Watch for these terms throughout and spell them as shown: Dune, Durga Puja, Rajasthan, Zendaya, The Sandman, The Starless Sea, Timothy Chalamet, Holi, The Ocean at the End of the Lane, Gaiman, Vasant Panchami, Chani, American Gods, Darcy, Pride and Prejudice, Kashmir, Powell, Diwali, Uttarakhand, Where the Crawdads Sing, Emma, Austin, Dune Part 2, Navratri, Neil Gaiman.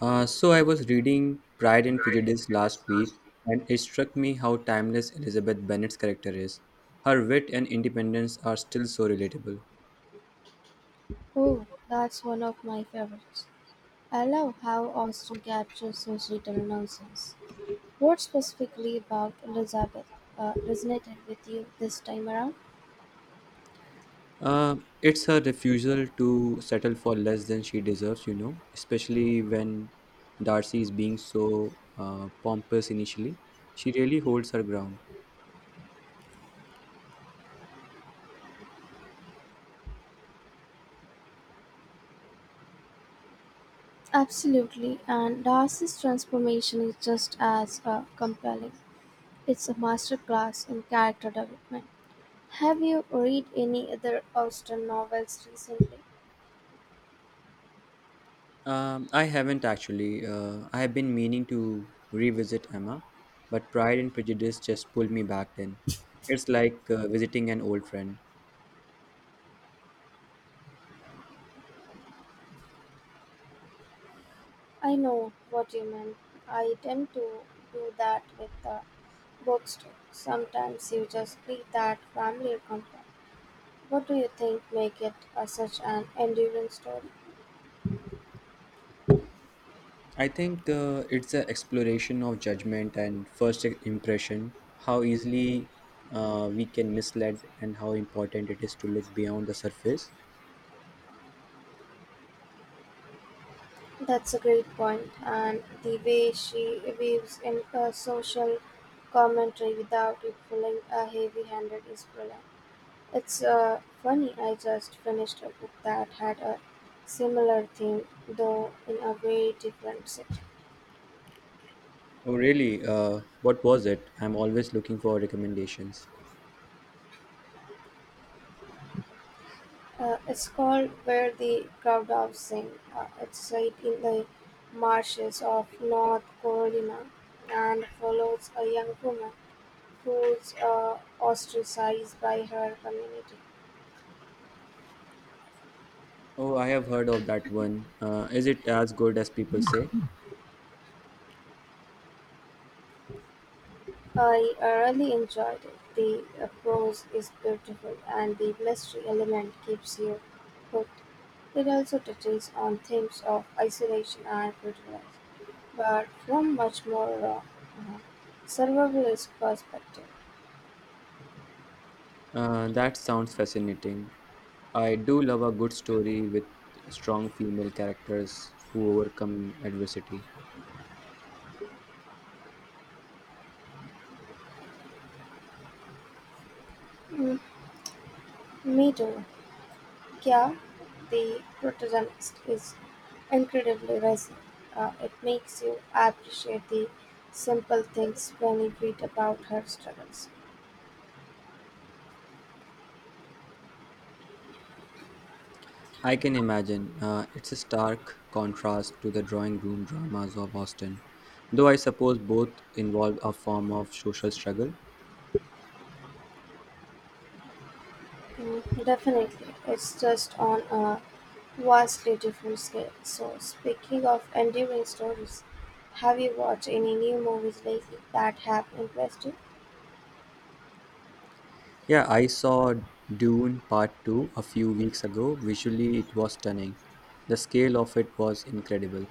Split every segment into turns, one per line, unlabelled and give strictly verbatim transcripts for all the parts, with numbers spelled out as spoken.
Uh, so I was reading Pride and Prejudice last week, and it struck me how timeless Elizabeth Bennet's character is. Her wit and independence are still so relatable.
Oh, that's one of my favorites. I love how Austen captures his little nonsense. What specifically about Elizabeth uh, resonated with you this time around?
Uh, it's her refusal to settle for less than she deserves, you know, especially when Darcy is being so uh, pompous initially. She really holds her ground.
Absolutely, and Darcy's transformation is just as uh, compelling. It's a masterclass in character development. Have you read any other Austen novels recently?
Um, I haven't actually. Uh, I have been meaning to revisit Emma, but Pride and Prejudice just pulled me back then. It's like uh, visiting an old friend.
I know what you mean. I tend to do that with the books too. Sometimes you just need that family comfort. What do you think make it a, such an enduring story?
I think uh, it's an exploration of judgment and first impression, how easily uh, we can mislead, and how important it is to look beyond the surface.
That's a great point, and the way she weaves in a social commentary without it feeling a heavy-handed is brilliant. It's uh, funny. I just finished a book that had a similar theme, though in a very different setting.
Oh, really? Uh, what was it? I'm always looking for recommendations.
Uh, it's called Where the Crawdads Sing. Uh, it's set in the marshes of North Carolina and follows a young woman who's uh, ostracized by her community.
Oh, I have heard of that one. Uh, is it as good as people say?
I uh, really enjoyed it. The uh, prose is beautiful and the mystery element keeps you hooked. It also touches on themes of isolation and prejudice, but from much more uh, uh, survivalist perspective.
Uh, that sounds fascinating. I do love a good story with strong female characters who overcome adversity.
Me too. Yeah, the protagonist, is incredibly racy; it makes you appreciate the simple things when you read about her struggles.
I can imagine. Uh, it's a stark contrast to the drawing room dramas of Austin, though I suppose both involve a form of social struggle.
Mm, definitely, it's just on a vastly different scale. So, speaking of enduring stories, have you watched any new movies lately that have impressed you?
Yeah, I saw Dune Part two a few weeks ago. Visually, it was stunning. The scale of it was incredible.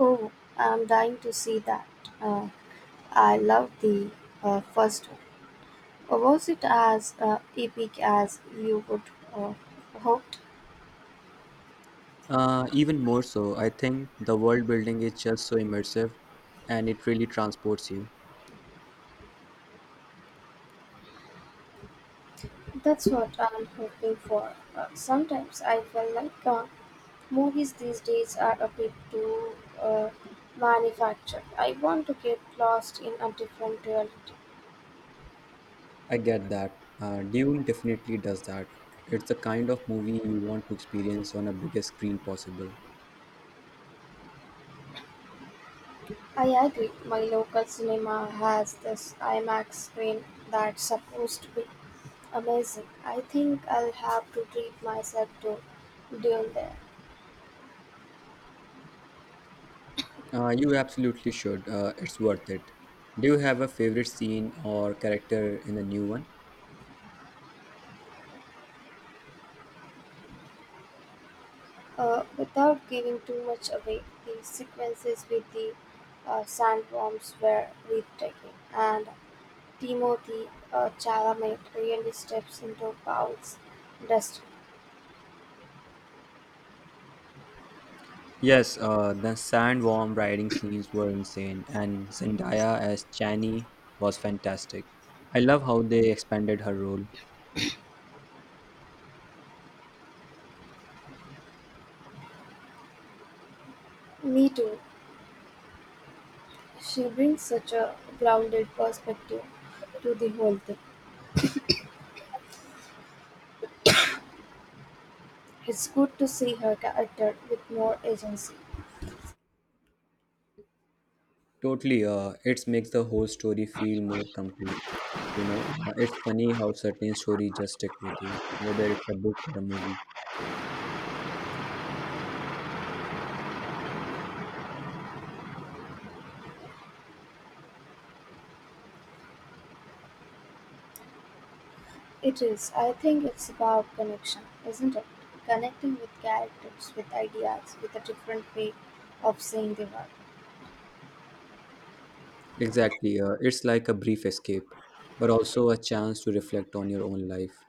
Oh, I'm dying to see that. Uh, I love the uh, first one. Or was it as uh, epic as you would uh, hoped?
Uh, even more so, I think the world building is just so immersive and it really transports you.
That's what I'm hoping for. Uh, sometimes I feel like uh, movies these days are a bit too uh, manufactured. I want to get lost in a different reality.
I get that. Uh, Dune definitely does that. It's the kind of movie you want to experience on a biggest screen possible.
I agree, my local cinema has this IMAX screen that's supposed to be amazing. I think I'll have to treat myself to Dune there.
Uh, you absolutely should. Uh, it's worth it. Do you have a favorite scene or character in the new one?
Uh, without giving too much away, the sequences with the uh, sandworms were breathtaking, and Timothy uh, Chalamet really steps into Powell's destiny.
Yes, uh, the sandworm riding scenes were insane, and Zendaya as Chani was fantastic. I love how they expanded her role.
Me too. She brings such a grounded perspective to the whole thing. It's good to see her character with more agency.
Totally, uh, it makes the whole story feel more complete. You know, uh, it's funny how certain stories just stick with you, whether it's a book or a movie.
It is. I think it's about connection, isn't it? Connecting with characters, with ideas, with a different way of seeing the world.
Exactly, uh, it's like a brief escape, but also a chance to reflect on your own life.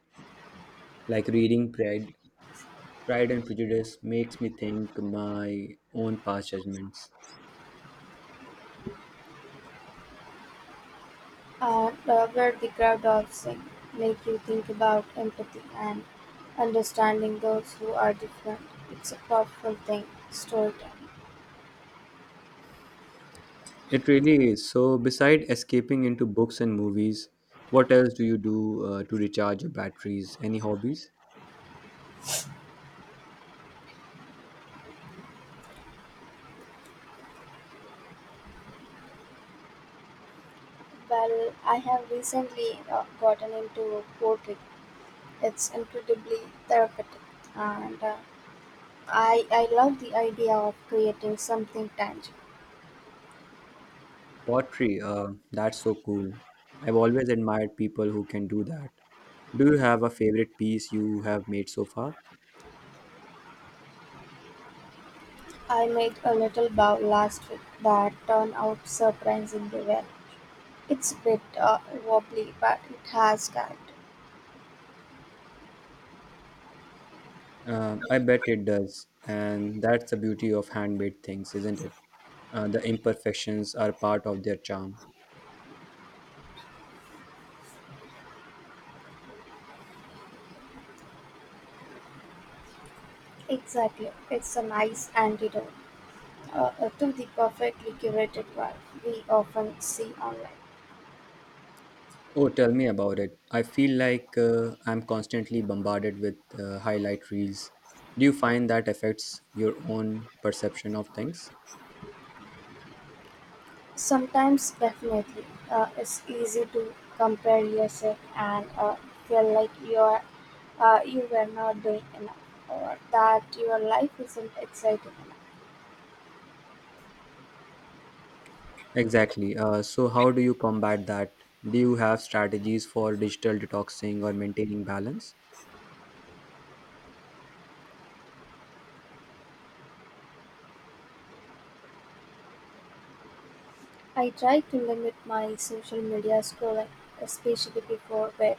Like reading Pride, Pride and Prejudice makes me think my own past judgments.
Uh, Robert the Crowd of Sing make you think about empathy and understanding those who are different. It's a powerful thing, storytelling.
It really is. So, beside escaping into books and movies, what else do you do uh, to recharge your batteries? Any hobbies?
Well, I have recently uh, gotten into poetry. It's incredibly therapeutic, and uh, I I love the idea of creating something tangible.
Pottery, uh, that's so cool. I've always admired people who can do that. Do you have a favorite piece you have made so far?
I made a little bow last week that turned out surprisingly well. It's a bit uh, wobbly, but it has guts.
Um, I bet it does. And that's the beauty of handmade things, isn't it? Uh, the imperfections are part of their charm.
Exactly. It's a nice antidote uh, uh, to the perfectly curated vibe we often see online.
Oh, tell me about it. I feel like uh, I'm constantly bombarded with uh, highlight reels. Do you find that affects your own perception of things?
Sometimes, definitely, uh, it's easy to compare yourself and uh, feel like you are uh, you were not doing enough or that your life isn't exciting. Enough.
Exactly. Uh, so, how do you combat that? Do you have strategies for digital detoxing or maintaining balance?
I try to limit my social media scrolling, especially before bed,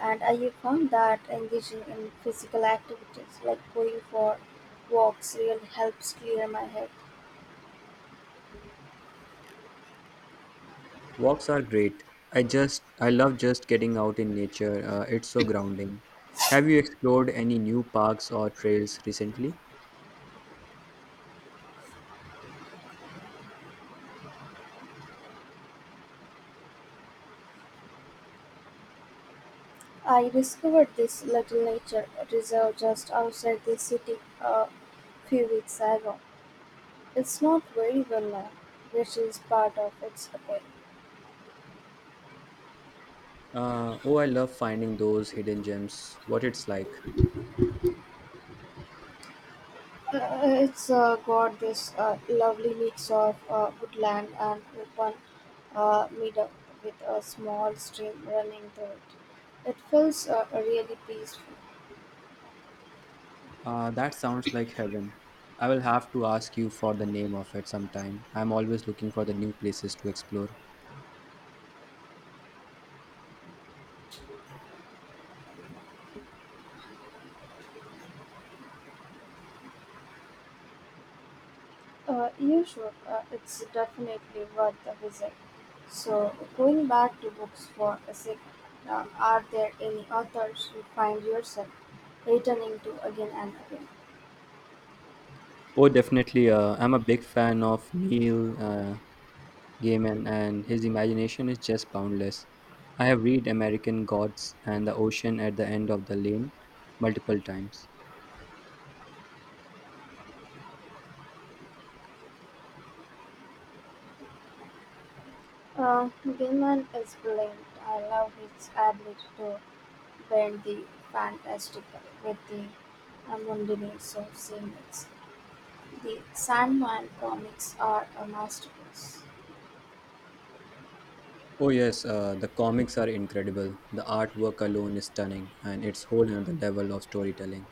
and I have found that engaging in physical activities like going for walks really helps clear my head.
Walks are great. I just, I love just getting out in nature. Uh, it's so grounding. Have you explored any new parks or trails recently?
I discovered this little nature reserve just outside the city a few weeks ago. It's not very well known, which is part of its appeal.
Uh, oh, I love finding those hidden gems. What it's like.
Uh, It's uh, got this uh, lovely mix of uh, woodland and open uh, meadow with a small stream running through it. It feels uh, really peaceful.
Uh, that sounds like heaven. I will have to ask you for the name of it sometime. I'm always looking for the new places to explore.
Uh, you should. Uh, it's definitely worth a visit. So, going back to books for a sec, uh, are there any authors you find yourself returning to again and again?
Oh, definitely. Uh, I'm a big fan of Neil uh, Gaiman, and his imagination is just boundless. I have read American Gods and The Ocean at the End of the Lane multiple times.
Uh, Gilman is brilliant. I love his ability to paired the Fantastical with the Amundineers of scenes, the Sandman comics are a masterpiece.
Oh, yes, uh, the comics are incredible. The artwork alone is stunning, and it's whole another level of storytelling.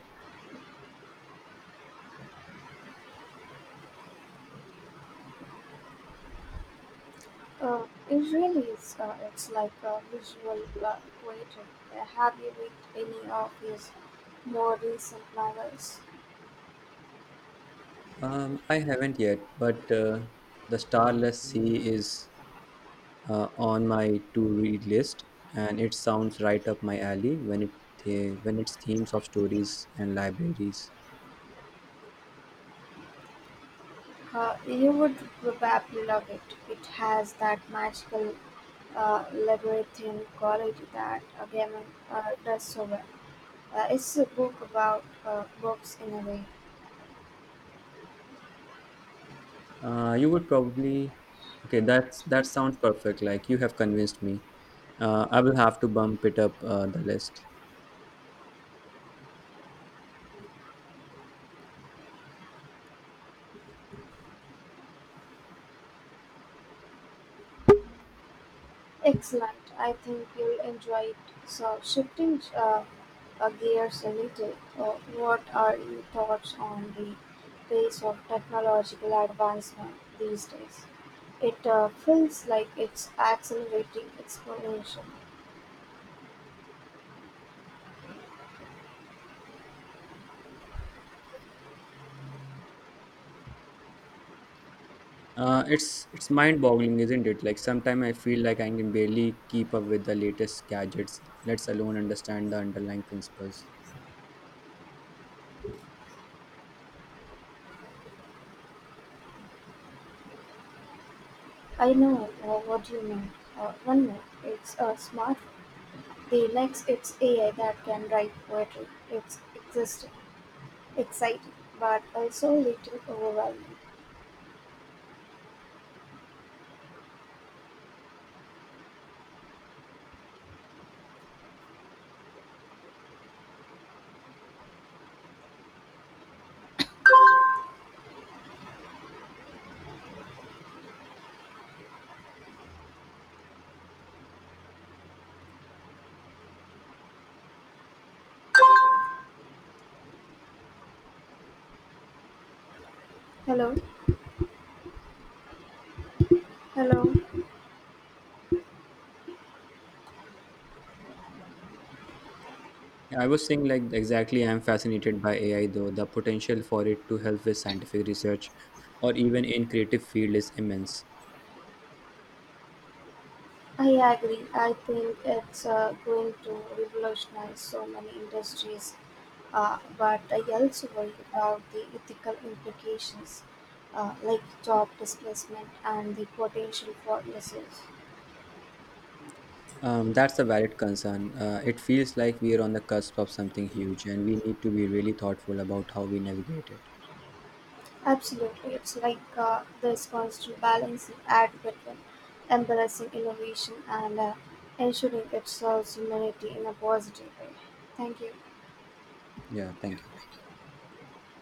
Uh, it really is. Uh, it's like a visual uh, poetry. Uh, Have you read any of his more recent novels?
Um, I haven't yet, but uh, The Starless Sea is uh, on my to read list, and it sounds right up my alley when, it, the when it's themes of stories and libraries.
Uh, you would probably love it. It has that magical uh, labyrinthine quality that uh, Gaiman uh, does so well. Uh, it's a book about uh, books in a way.
Uh, you would probably. Okay, that's that sounds perfect. Like you have convinced me. Uh, I will have to bump it up uh, the list.
Excellent. I think you'll enjoy it. So, shifting uh, uh, gears a little, uh, what are your thoughts on the pace of technological advancement these days? It uh, feels like it's accelerating exponentially.
Uh, it's it's mind-boggling, isn't it? Like sometimes I feel like I can barely keep up with the latest gadgets, let's alone understand the underlying principles.
I know uh, what you mean. Uh, one minute it's a smart, the next it's A I that can write poetry. It's existing, exciting, but also a little overwhelming. Hello, hello.
Yeah, I was saying like exactly I'm fascinated by A I though. The potential for it to help with scientific research or even in creative field is immense.
I agree. I think it's uh, going to revolutionize so many industries, uh, but I also worry about the ethical implications, uh, like job displacement and the potential for losses.
Um, that's a valid concern. Uh, it feels like we are on the cusp of something huge, and we need to be really thoughtful about how we navigate it.
Absolutely, it's like uh, this constant balancing act between embracing innovation and uh, ensuring it serves humanity in a positive way. Thank you.
Yeah, thank you.